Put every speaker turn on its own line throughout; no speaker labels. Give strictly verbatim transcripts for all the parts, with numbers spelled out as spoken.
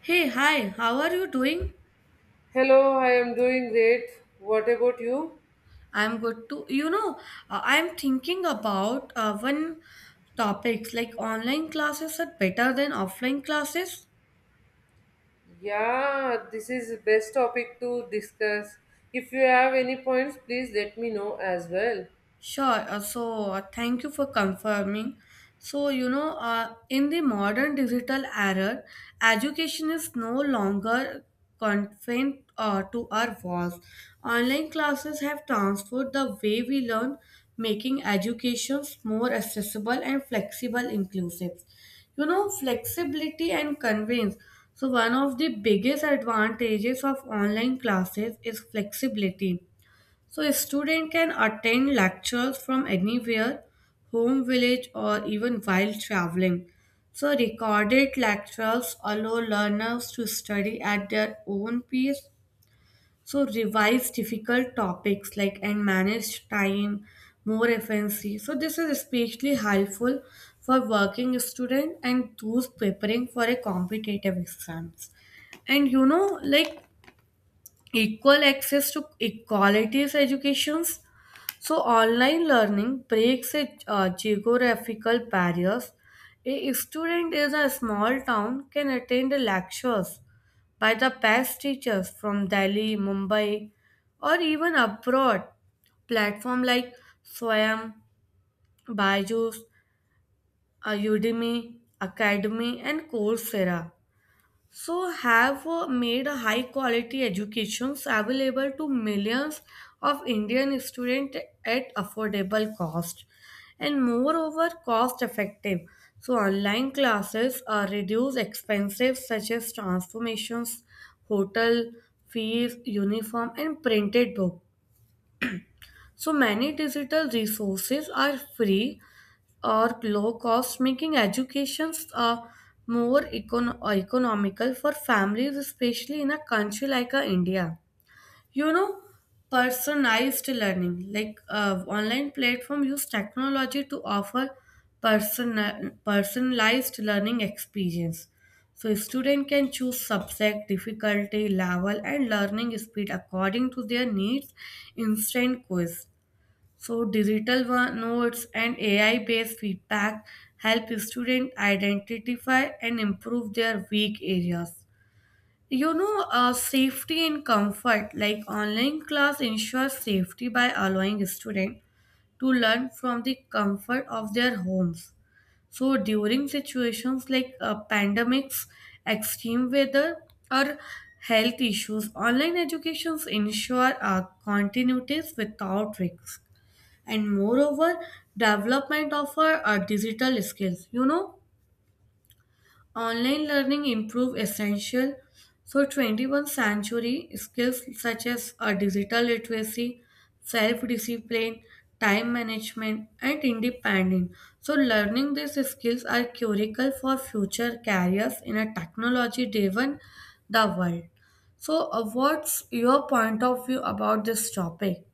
Hey, hi, how are you doing?
Hello, I am doing great. What about you?
I'm good too. You know, uh, I'm thinking about uh, one topics like online classes are better than offline classes.
Yeah, this is best topic to discuss. If you have any points, please let me know as well.
Sure. Uh, so uh, thank you for confirming. So, you know, uh, in the modern digital era, education is no longer confined uh, to our walls. Online classes have transformed the way we learn, making education more accessible and flexible, inclusive. You know, flexibility and convenience. So, one of the biggest advantages of online classes is flexibility, so a student can attend lectures from anywhere, home, village, or even while traveling. So, recorded lectures allow learners to study at their own pace. So, revise difficult topics like and manage time more efficiently. So, this is especially helpful for working students and those preparing for a competitive exams, and you know like equal access to equalities educations, so online learning breaks a, uh, geographical barriers. A student in a small town can attend the lectures by the best teachers from Delhi, Mumbai, or even abroad. Platform like Swayam, Byju's, uh, Udemy, Academy, and Coursera, so have uh, made a high quality educations available to millions of Indian students at affordable cost, and moreover cost effective. So, online classes uh, reduce expenses such as transformations, hotel fees, uniform, and printed book. So, many digital resources are free or low cost, making educations uh, more econ- economical for families, especially in a country like uh, India. You know, Personalized learning, like uh, online platform use technology to offer person personalized learning experience. So student can choose subject, difficulty, level and learning speed according to their needs, instant quiz, so digital wa- notes and A I-based feedback help students identify and improve their weak areas. You know, uh, safety and comfort, like online class ensures safety by allowing students to learn from the comfort of their homes. So during situations like uh, pandemics, extreme weather, or health issues, online educations ensure uh, continuities without risks, and moreover development of our, our digital skills. You know online learning improve essential, so twenty-first century skills such as our digital literacy, self discipline, time management and independence, so learning these skills are critical for future careers in a technology driven the world. So uh, what's your point of view about this topic?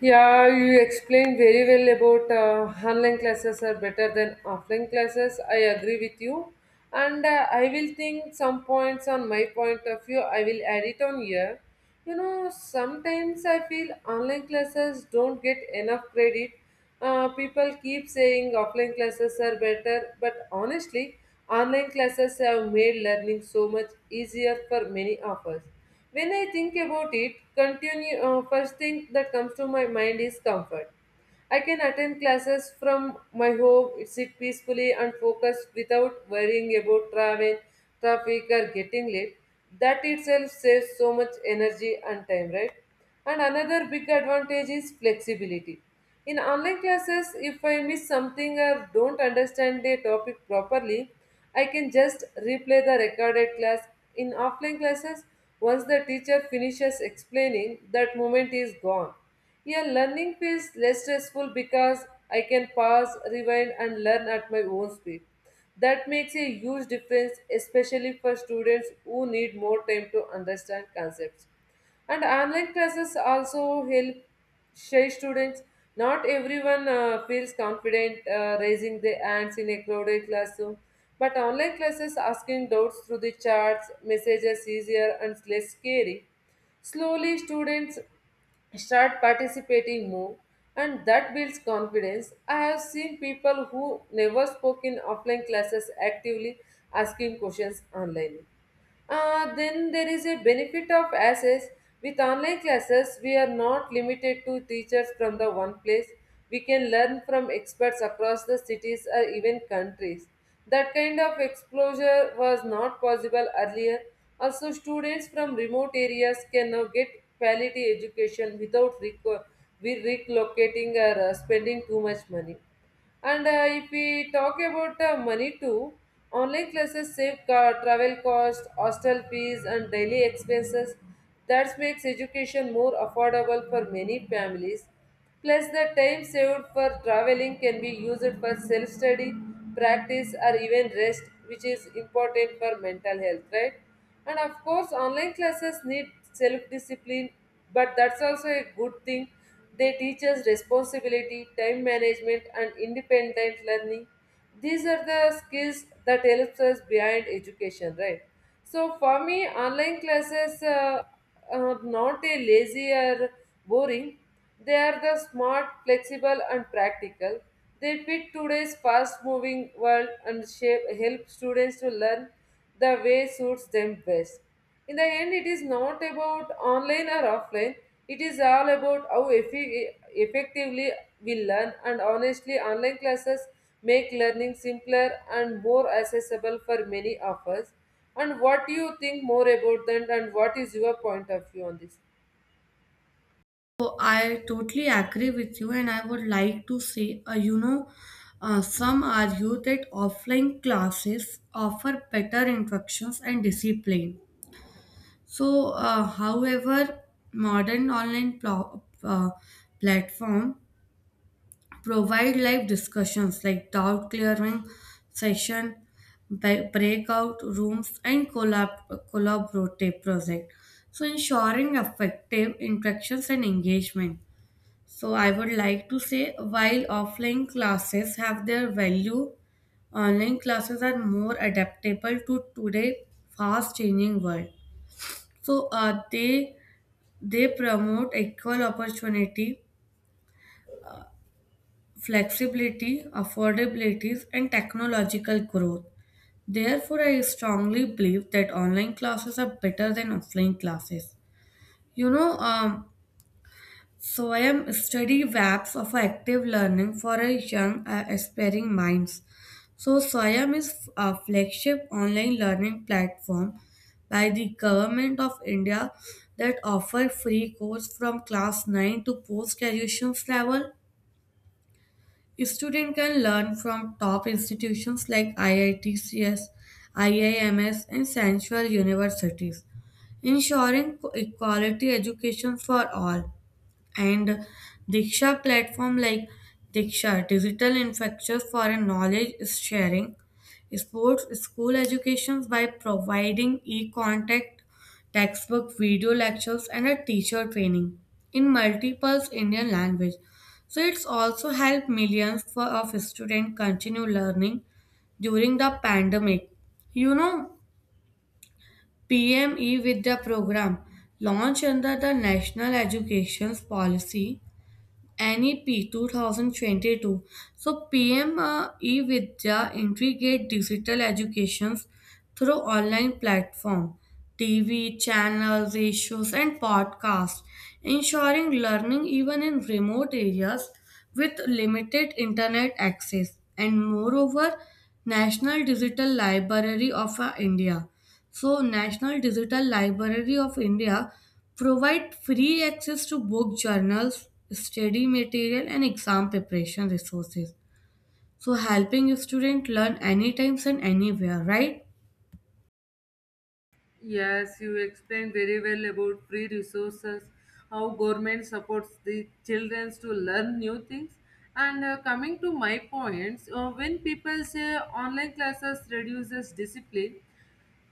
Yeah, you explained very well about uh, online classes are better than offline classes. I agree with you. And uh, I will think some points on my point of view. I will add it on here. You know, sometimes I feel online classes don't get enough credit. Uh, people keep saying offline classes are better, but honestly, online classes have made learning so much easier for many of us when I think about it, continue uh, first thing that comes to my mind is comfort. I can attend classes from my home, sit peacefully and focus without worrying about travel, traffic or getting late. That itself saves so much energy and time, right? And another big advantage is flexibility. In online classes, if I miss something or don't understand a topic properly, I can just replay the recorded class. In offline classes, once the teacher finishes explaining, that moment is gone. Yeah, learning feels less stressful because I can pause, rewind, and learn at my own speed. That makes a huge difference, especially for students who need more time to understand concepts. And online classes also help shy students. Not everyone uh, feels confident uh, raising their hands in a crowded classroom, but online classes asking doubts through the chats, messages easier and less scary. Slowly, students start participating more and that builds confidence. I have seen people who never spoke in offline classes actively asking questions online. Uh, then there is a benefit of access. With online classes, we are not limited to teachers from the one place. We can learn from experts across the cities or even countries. That kind of exposure was not possible earlier. Also, students from remote areas can now get quality education without reco- we relocating or uh, spending too much money. And uh, if we talk about uh, money too, online classes save car, travel cost, hostel fees, and daily expenses. That makes education more affordable for many families. Plus, the time saved for traveling can be used for self study, practice, or even rest, which is important for mental health, right? And of course, online classes need self discipline, but that's also a good thing. They teach us responsibility, time management, and independent learning. These are the skills that helps us behind education, right? So for me, online classes uh, are not a lazy or boring. They are the smart, flexible and practical. They fit today's fast moving world and shape help students to learn the way suits them best. In the end, it is not about online or offline, it is all about how effi- effectively we learn, and honestly, online classes make learning simpler and more accessible for many of us. And what do you think more about that, and what is your point of view on this?
So I totally agree with you, and I would like to say, uh, you know, uh, some argue that offline classes offer better instructions and discipline. So, uh, however, modern online pl- uh, platform provide live discussions like doubt clearing session, ba- breakout rooms, and collab- collaborative project. So, ensuring effective interactions and engagement. So I would like to say while offline classes have their value, online classes are more adaptable to today fast changing world. So uh, they they promote equal opportunity, flexibility, affordabilities and technological growth. Therefore, I strongly believe that online classes are better than offline classes. You know, um, Swayam, study V A Ps of active learning for a young uh, aspiring minds. So Swayam is a flagship online learning platform by the government of India that offer free course from class nine to post graduation level. Student can learn from top institutions like I I T C S, I I M S and Central universities, ensuring equality education for all. And Diksha, platform like Diksha digital infrastructure for a knowledge sharing, sports school educations, by providing e-contact textbook, video lectures and a teacher training in multiple Indian language, so it's also helped millions for, of students continue learning during the pandemic. You know, P M E with the program launched under the National Education Policy N E P two thousand twenty-two. So P M E Vidya integrate digital educations through online platform, T V channels, radios, and podcasts, ensuring learning even in remote areas with limited internet access. And moreover, National Digital Library of uh, India. So National Digital Library of India provide free access to book journals, study material and exam preparation resources, so helping a student learn anytime and anywhere, right?
Yes, you explained very well about free resources, how government supports the children to learn new things. And uh, coming to my points, uh, when people say online classes reduces discipline,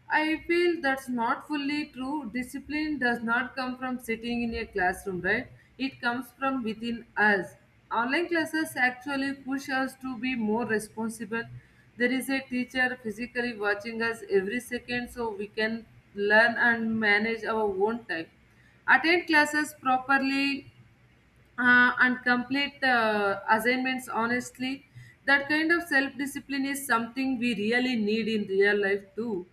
I feel that's not fully true. Discipline does not come from sitting in a classroom, right? It comes from within us. Online classes actually push us to be more responsible. There is a teacher physically watching us every second so we can learn and manage our own time. Attend classes properly uh, and complete the assignments honestly. That kind of self discipline is something we really need in real life too.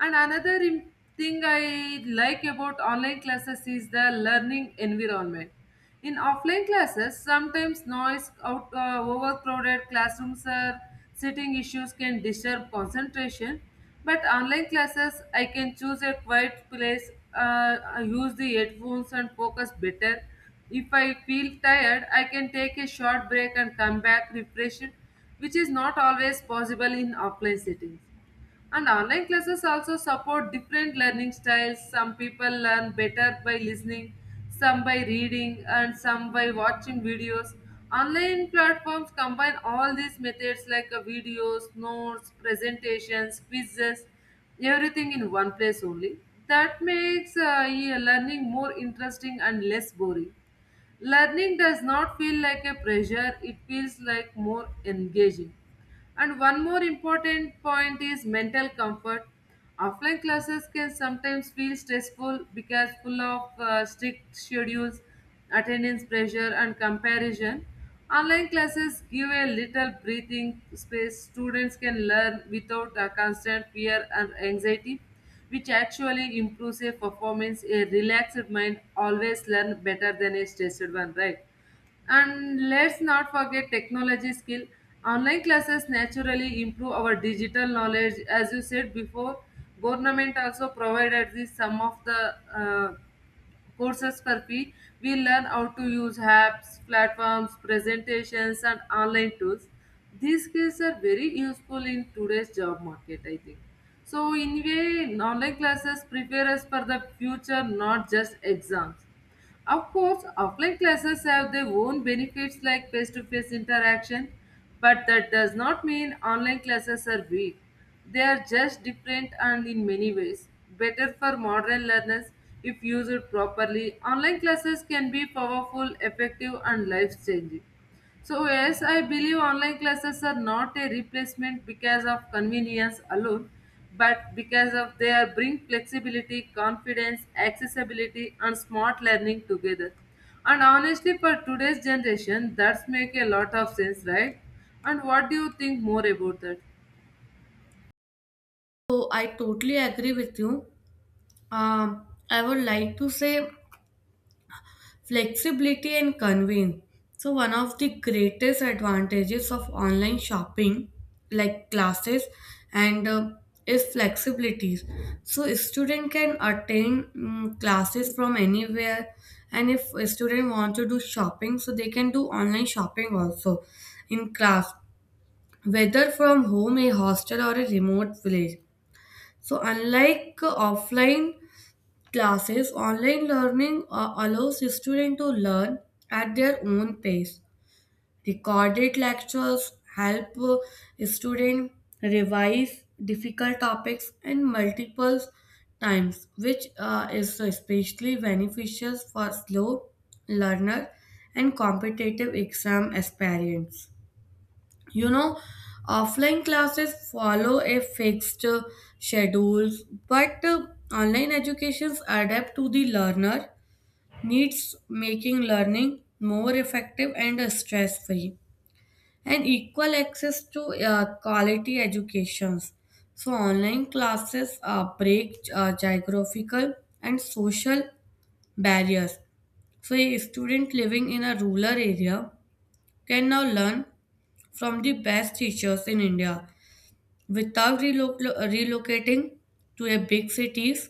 And another im- thing I like about online classes is the learning environment. In offline classes, sometimes noise, out, uh, overcrowded classrooms, or sitting issues can disturb concentration. But online classes, I can choose a quiet place, uh, use the headphones, and focus better if I feel tired, I can take a short break and come back refreshed, which is not always possible in offline settings. And online classes also support different learning styles. Some people learn better by listening, some by reading, and some by watching videos. Online platforms combine all these methods like uh, videos, notes, presentations, quizzes, everything in one place only. That makes uh, yeah, learning more interesting and less boring. Learning does not feel like a pressure, it feels like more engaging. And one more important point is mental comfort. Offline classes can sometimes feel stressful because full of uh, strict schedules, attendance pressure, and comparison. Online classes give a little breathing space. Students can learn without a constant fear and anxiety, which actually improves a performance. A relaxed mind always learn better than a stressed one, right? And let's not forget technology skill. Online classes naturally improve our digital knowledge. As you said before, government also provided this some of the uh, courses for free. We learn how to use apps, platforms, presentations, and online tools. These skills are very useful in today's job market, I think. So, in a way, online classes prepare us for the future, not just exams. Of course, offline classes have their own benefits like face to face interaction, but that does not mean online classes are weak. They are just different and in many ways better for modern learners if used properly. Online classes can be powerful, effective, and life changing. So, yes, I believe online classes are not a replacement because of convenience alone, but because of they are bring flexibility, confidence, accessibility, and smart learning together. And honestly, for today's generation, that's make a lot of sense, right? And what do you think more about that?
So I totally agree with you. Um, I would like to say flexibility and convenience. So, one of the greatest advantages of online shopping, like classes, and uh, is flexibility. So, a student can attend mm, classes from anywhere, and if a student want to do shopping, so they can do online shopping also in class, whether from home, a hostel, or a remote village. So, unlike uh, offline classes, online learning uh, allows students to learn at their own pace. Recorded lectures help uh, students revise difficult topics and multiple times, which uh, is especially beneficial for slow learner and competitive exam aspirants. You know, Offline classes follow a fixed uh, schedules, but uh, online educations adapt to the learner needs, making learning more effective and stress-free, and equal access to uh, quality educations. So online classes uh, break uh, geographical and social barriers. So a student living in a rural area can now learn from the best teachers in India without relo- relocating to a big cities.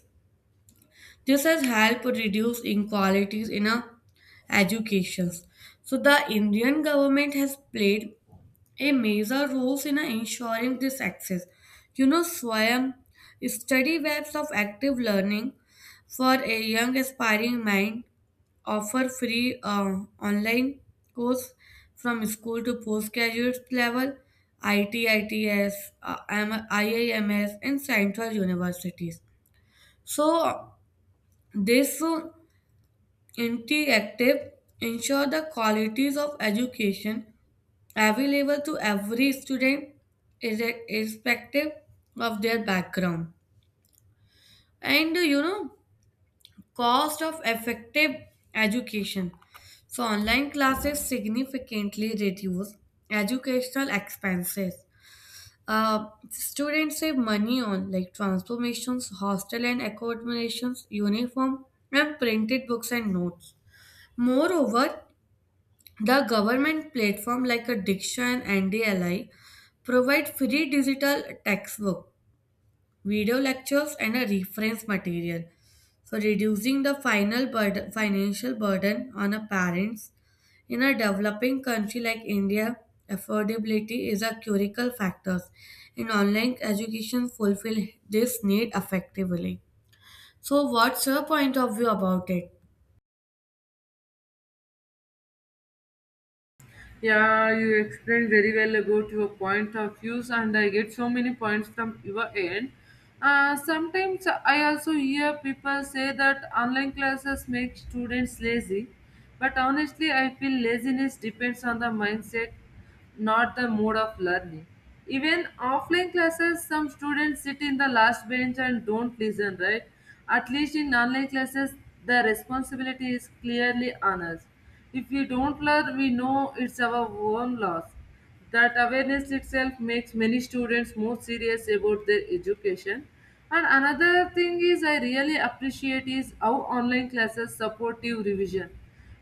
This has helped reduce inequalities in a education. So the Indian government has played a major role in uh, ensuring this access. You know, Swayam, study webs of active learning for a young aspiring mind, offer free uh, online course from school to postgraduate level, I T, uh, I M and central universities. So this uh, interactive ensure the qualities of education available to every student, irre- irrespective of their background. And you know, cost of effective education, so online classes significantly reduce educational expenses. Uh, students save money on like transformations, hostel and accommodations, uniform and printed books and notes. Moreover, the government platform like a diction and ndli provide free digital textbook, video lectures, and a reference material. So, reducing the final burden, financial burden on a parents in a developing country like India, affordability is a critical factor, and online education fulfill this need effectively. So, what's your point of view about it?
Yeah, you explained very well about your point of views, and I get so many points from your end. Uh, sometimes I also hear people say that online classes make students lazy, but honestly, I feel laziness depends on the mindset not the mode of learning. Even offline classes, some students sit in the last bench and don't listen, right? At least in online classes, the responsibility is clearly on us. If we don't learn, we know it's our own loss. That awareness itself makes many students more serious about their education. And another thing is I really appreciate is how online classes supportive revision.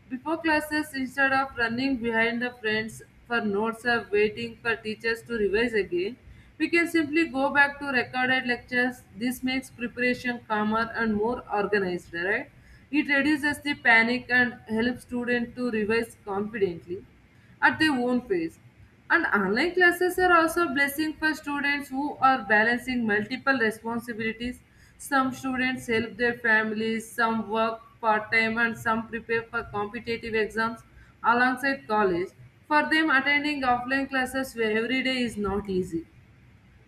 Before classes, instead of running behind the friends for notes or waiting for teachers to revise again, we can simply go back to recorded lectures. This makes preparation calmer and more organized, right? It reduces the panic and helps students to revise confidently at their own pace. And online classes are also a blessing for students who are balancing multiple responsibilities. Some students help their families, some work part time, and some prepare for competitive exams alongside college. For them, attending offline classes every day is not easy,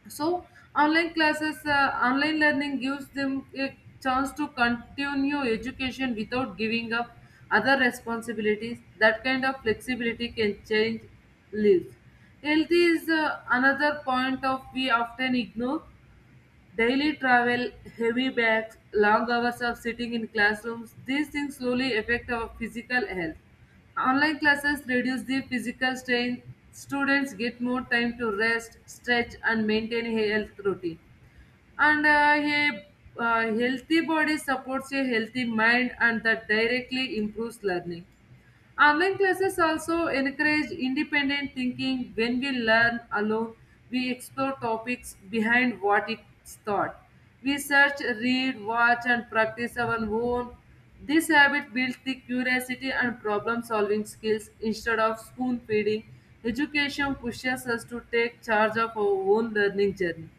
so online classes uh, online learning gives them a chance to continue education without giving up other responsibilities. That kind of flexibility can change lives. Health is uh, another point of we often ignore. Daily travel, heavy bags, long hours of sitting in classrooms, these things slowly affect our physical health. Online classes reduce the physical strain. Students get more time to rest, stretch, and maintain a health routine and uh, a uh, healthy body supports a healthy mind and that directly improves learning. Online classes also encourage independent thinking. When we learn alone, we explore topics behind what is taught. We search, read, watch, and practice our own. This habit builds the curiosity and problem solving skills instead of spoon feeding. Education pushes us to take charge of our own learning journey.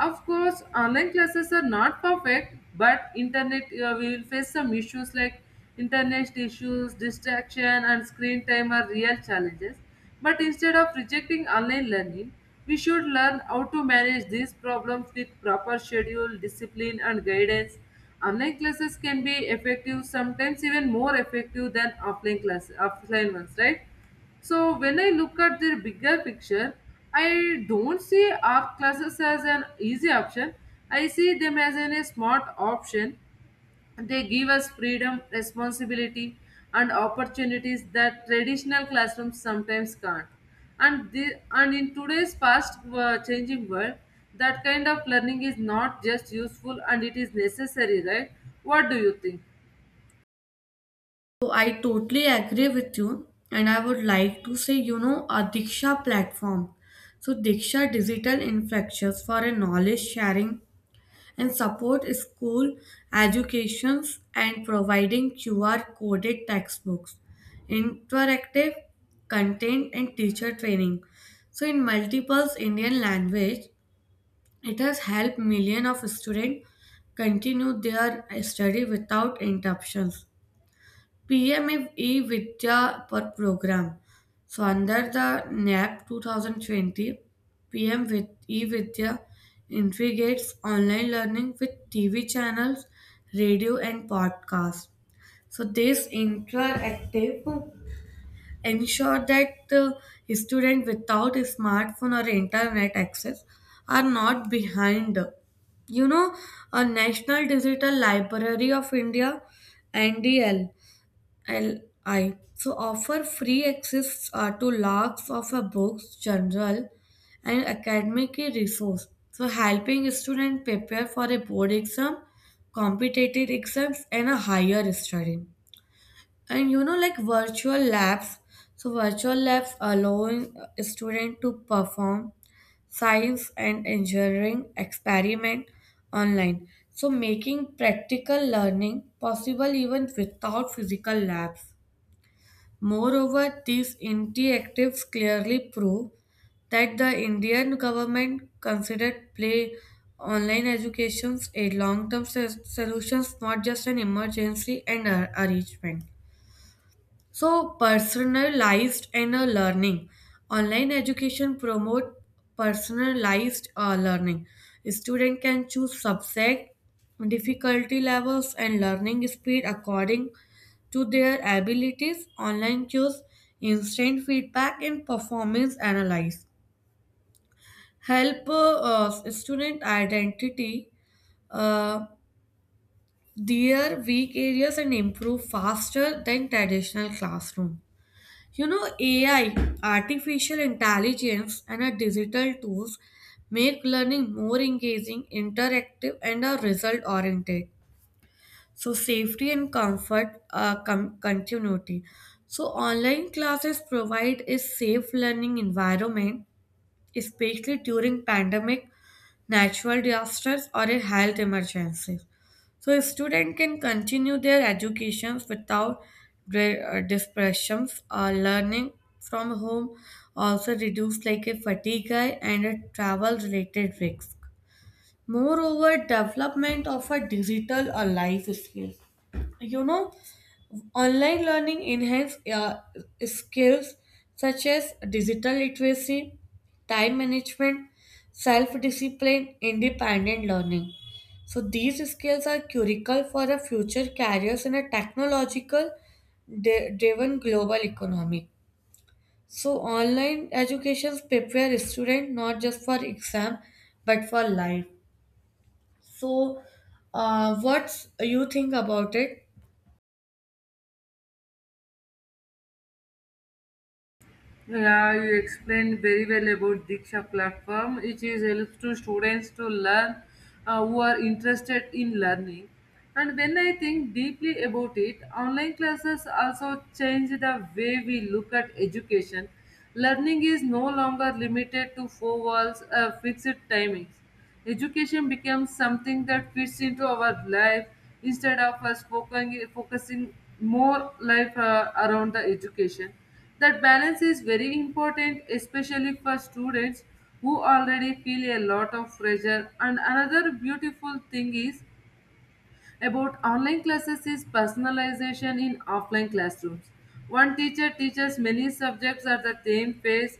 Of course, online classes are not perfect, but internet uh, we will face some issues like internet issues, distraction, and screen time are real challenges. But instead of rejecting online learning, we should learn how to manage these problems with proper schedule, discipline, and guidance. Online classes can be effective, sometimes even more effective than offline classes, offline ones, right? So when I look at the bigger picture, I don't see art classes as an easy option. I see them as an, a smart option. They give us freedom, responsibility, and opportunities that traditional classrooms sometimes can't. And the, and in today's fast uh, changing world, that kind of learning is not just useful and it is necessary, right? What do you think?
So, I totally agree with you, and I would like to say, you know, a Diksha platform. So, Diksha digital infrastructures for a knowledge sharing and support school educations, and providing Q R coded textbooks, interactive content and teacher training. So in multiple Indian language, it has helped millions of students continue their study without interruptions. P M F vidya per program. So under the N A P twenty twenty, P M with e-Vidya integrates online learning with T V channels, radio and podcasts. So this interactive ensure that the student without a smartphone or internet access are not behind. you know a national digital library of india, ndl L I. So offer free access uh, to lots of a books, journal, and academic resource, so helping students prepare for a board exam, competitive exams, and a higher study. And you know, like virtual labs. So virtual labs allowing a student to perform science and engineering experiment online, so making practical learning possible even without physical labs. Moreover, these interactives clearly prove that the Indian government considered play online educations a long-term solution, not just an emergency and ar- arrangement. So personalized and uh, learning. Online education promote personalized uh, learning. Student can choose subject, difficulty levels, and learning speed according to their abilities. Online cues, instant feedback, and performance analyze help uh, uh, student identity uh, their weak areas and improve faster than traditional classroom. You know, A I, artificial intelligence, and our digital tools make learning more engaging, interactive, and are result oriented. So, safety and comfort uh, com- continuity. So, online classes provide a safe learning environment, especially during pandemic, natural disasters, or a health emergencies. So, a student can continue their educations without dre- uh, disruptions. Uh, learning from home also reduce like a fatigue and a travel related risk. Moreover, development of a digital or life skills. You know, Online learning enhances uh, skills such as digital literacy, time management, self discipline, independent learning. So, these skills are critical for a future careers in a technological de- driven global economy. So, online education prepare students not just for exam but for life. So, uh, what you think about it?
Yeah, you explained very well about Diksha platform, which is helps to students to learn uh, who are interested in learning. And when I think deeply about it, online classes also change the way we look at education. Learning is no longer limited to four walls, uh, fixed timings. Education becomes something that fits into our life instead of us focusing, focusing more life uh, around the education. That balance is very important, especially for students who already feel a lot of pressure. And another beautiful thing is about online classes is personalization in offline classrooms. One teacher teaches many subjects at the same pace,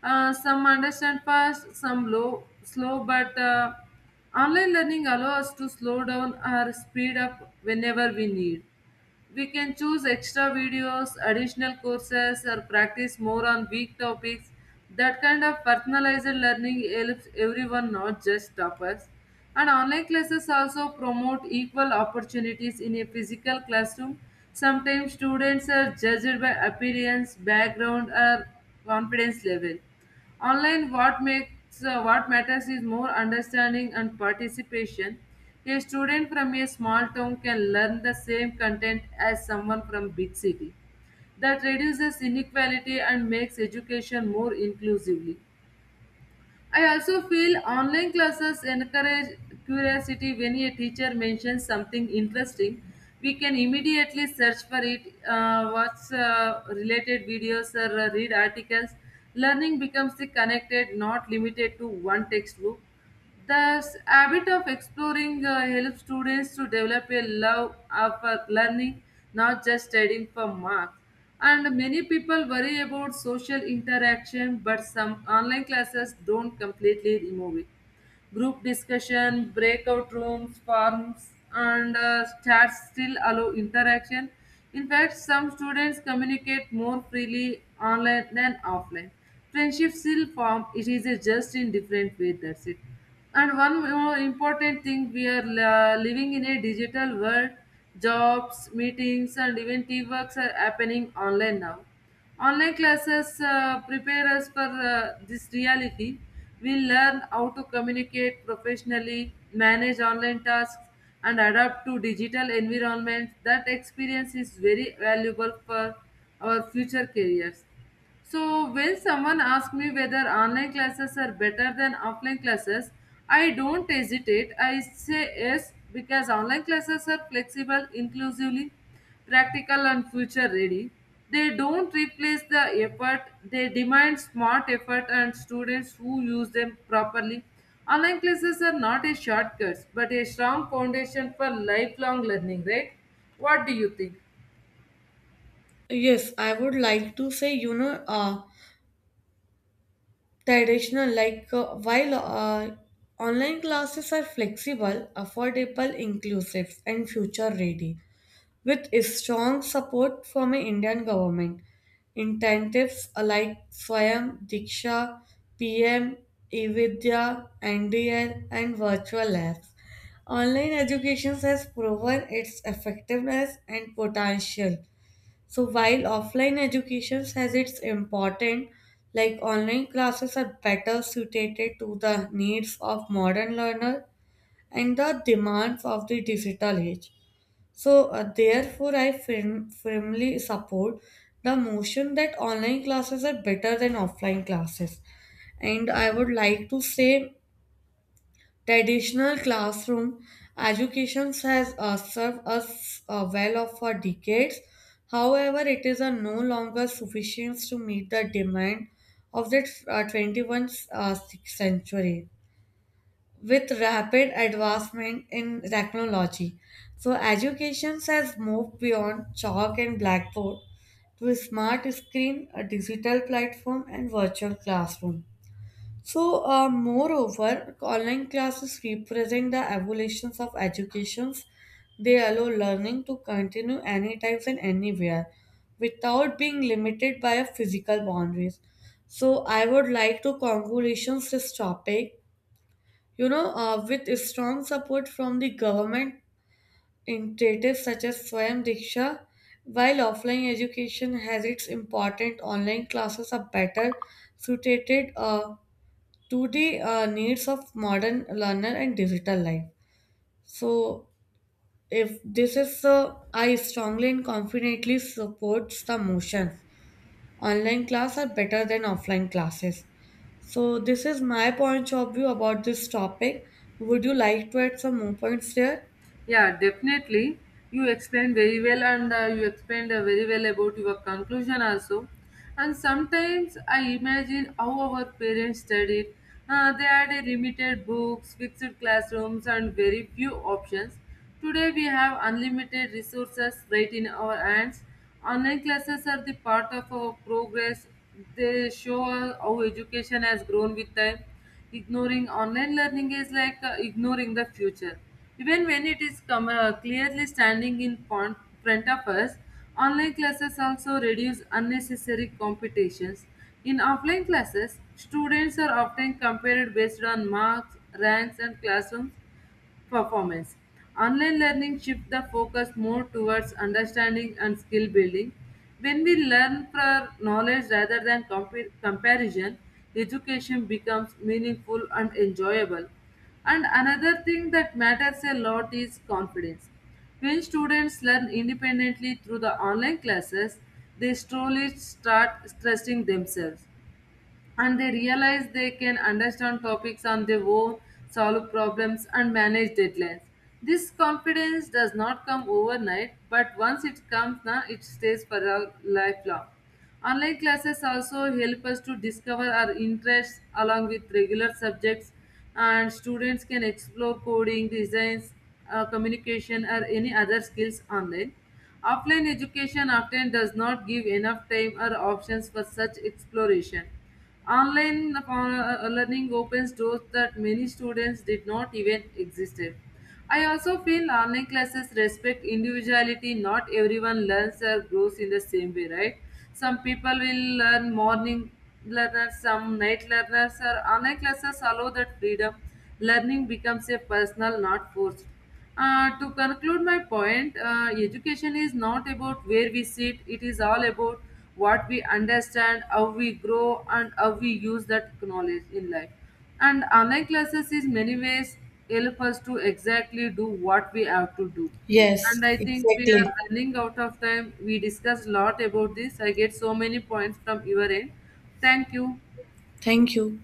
uh, some understand fast, some low, slow, but uh, online learning allows us to slow down or speed up whenever we need. We can choose extra videos, additional courses, or practice more on weak topics. That kind of personalized learning helps everyone, not just toppers. And online classes also promote equal opportunities in a physical classroom. Sometimes students are judged by appearance, background, or confidence level. Online, what makes uh, what matters is more understanding and participation. A student from a small town can learn the same content as someone from big city. That reduces inequality and makes education more inclusively. I also feel online classes encourage curiosity when a teacher mentions something interesting. We can immediately search for it, uh, watch uh, related videos or uh, read articles. Learning becomes the connected, not limited to one textbook. The habit of exploring uh, helps students to develop a love of uh, learning, not just studying for marks. And many people worry about social interaction, but some online classes don't completely remove it. Group discussion, breakout rooms, forums, and uh, chats still allow interaction. In fact, some students communicate more freely online than offline. Friendships still form, it is a just in different way, that's it. And one more important thing, we are uh, living in a digital world. Jobs, meetings, and even teamworks are happening online now. Online classes uh, prepare us for uh, this reality. We learn how to communicate professionally, manage online tasks, and adapt to digital environments. That experience is very valuable for our future careers. So when someone asks me whether online classes are better than offline classes, I don't hesitate. I say yes because online classes are flexible, inclusively practical and future ready. They don't replace the effort. They demand smart effort and students who use them properly. Online classes are not a shortcut but a strong foundation for lifelong learning, right? What do you think?
Yes, I would like to say, you know, uh, traditional, like uh, while uh, online classes are flexible, affordable, inclusive, and future ready, with a strong support from an Indian government. Incentives like Swayam, Diksha, P M, eVidya, N D L, and virtual labs. Online education has proven its effectiveness and potential, so while offline education has its important, like online classes are better suited to the needs of modern learner and the demands of the digital age. So uh, therefore, I firm, firmly support the motion that online classes are better than offline classes. And I would like to say traditional classroom education has uh, served us uh, well for decades. However, it is uh, no longer sufficient to meet the demand of the uh, twenty-first uh, century with rapid advancement in technology. So, education has moved beyond chalk and blackboard to smart screen, a digital platform, and virtual classroom. So, uh, moreover, online classes represent the evolutions of educations. They allow learning to continue anytime and anywhere without being limited by a physical boundaries. So, I would like to congratulations this topic. You know, uh, with strong support from the government initiatives such as Swayam Diksha, while offline education has its important, online classes are better suited. Uh, to the uh, needs of modern learner and digital life. So, if this is so, I strongly and confidently supports the motion. Online class are better than offline classes. So, this is my point of view about this topic. Would you like to add some more points there?
Yeah, definitely. You explained very well, and uh, you explained uh, very well about your conclusion also. And sometimes I imagine how our parents studied. Uh, they had a limited books, fixed classrooms, and very few options. Today we have unlimited resources right in our hands. Online classes are the part of our progress. They show us how education has grown with time. Ignoring online learning is like uh, ignoring the future. Even when it is come, uh, clearly standing in front front of us, online classes also reduce unnecessary competitions. In offline classes, students are often compared based on marks, ranks, and classroom performance. Online learning shifts the focus more towards understanding and skill building. When we learn for knowledge rather than compa- comparison, education becomes meaningful and enjoyable. And another thing that matters a lot is confidence. When students learn independently through the online classes, they slowly start trusting themselves and they realize they can understand topics on their own, solve problems, and manage deadlines. This confidence does not come overnight, but once it comes, na, it stays for a lifelong. Online classes also help us to discover our interests along with regular subjects, and students can explore coding, designs, uh, communication, or any other skills online. Offline education often does not give enough time or options for such exploration. Online uh, uh, learning opens doors that many students did not even existed. I also feel online classes respect individuality. Not everyone learns or grows in the same way, right? Some people will learn morning learners, some night learners, or online classes allow that freedom. Learning becomes a personal, not forced. Uh, to conclude my point, uh, education is not about where we sit, it is all about what we understand, how we grow, and how we use that knowledge in life. And online classes is many ways help us to exactly do what we have to do.
Yes,
And I think we
exactly.
are running out of time. We discussed a lot about this. I get so many points from your end. Thank you.
Thank you.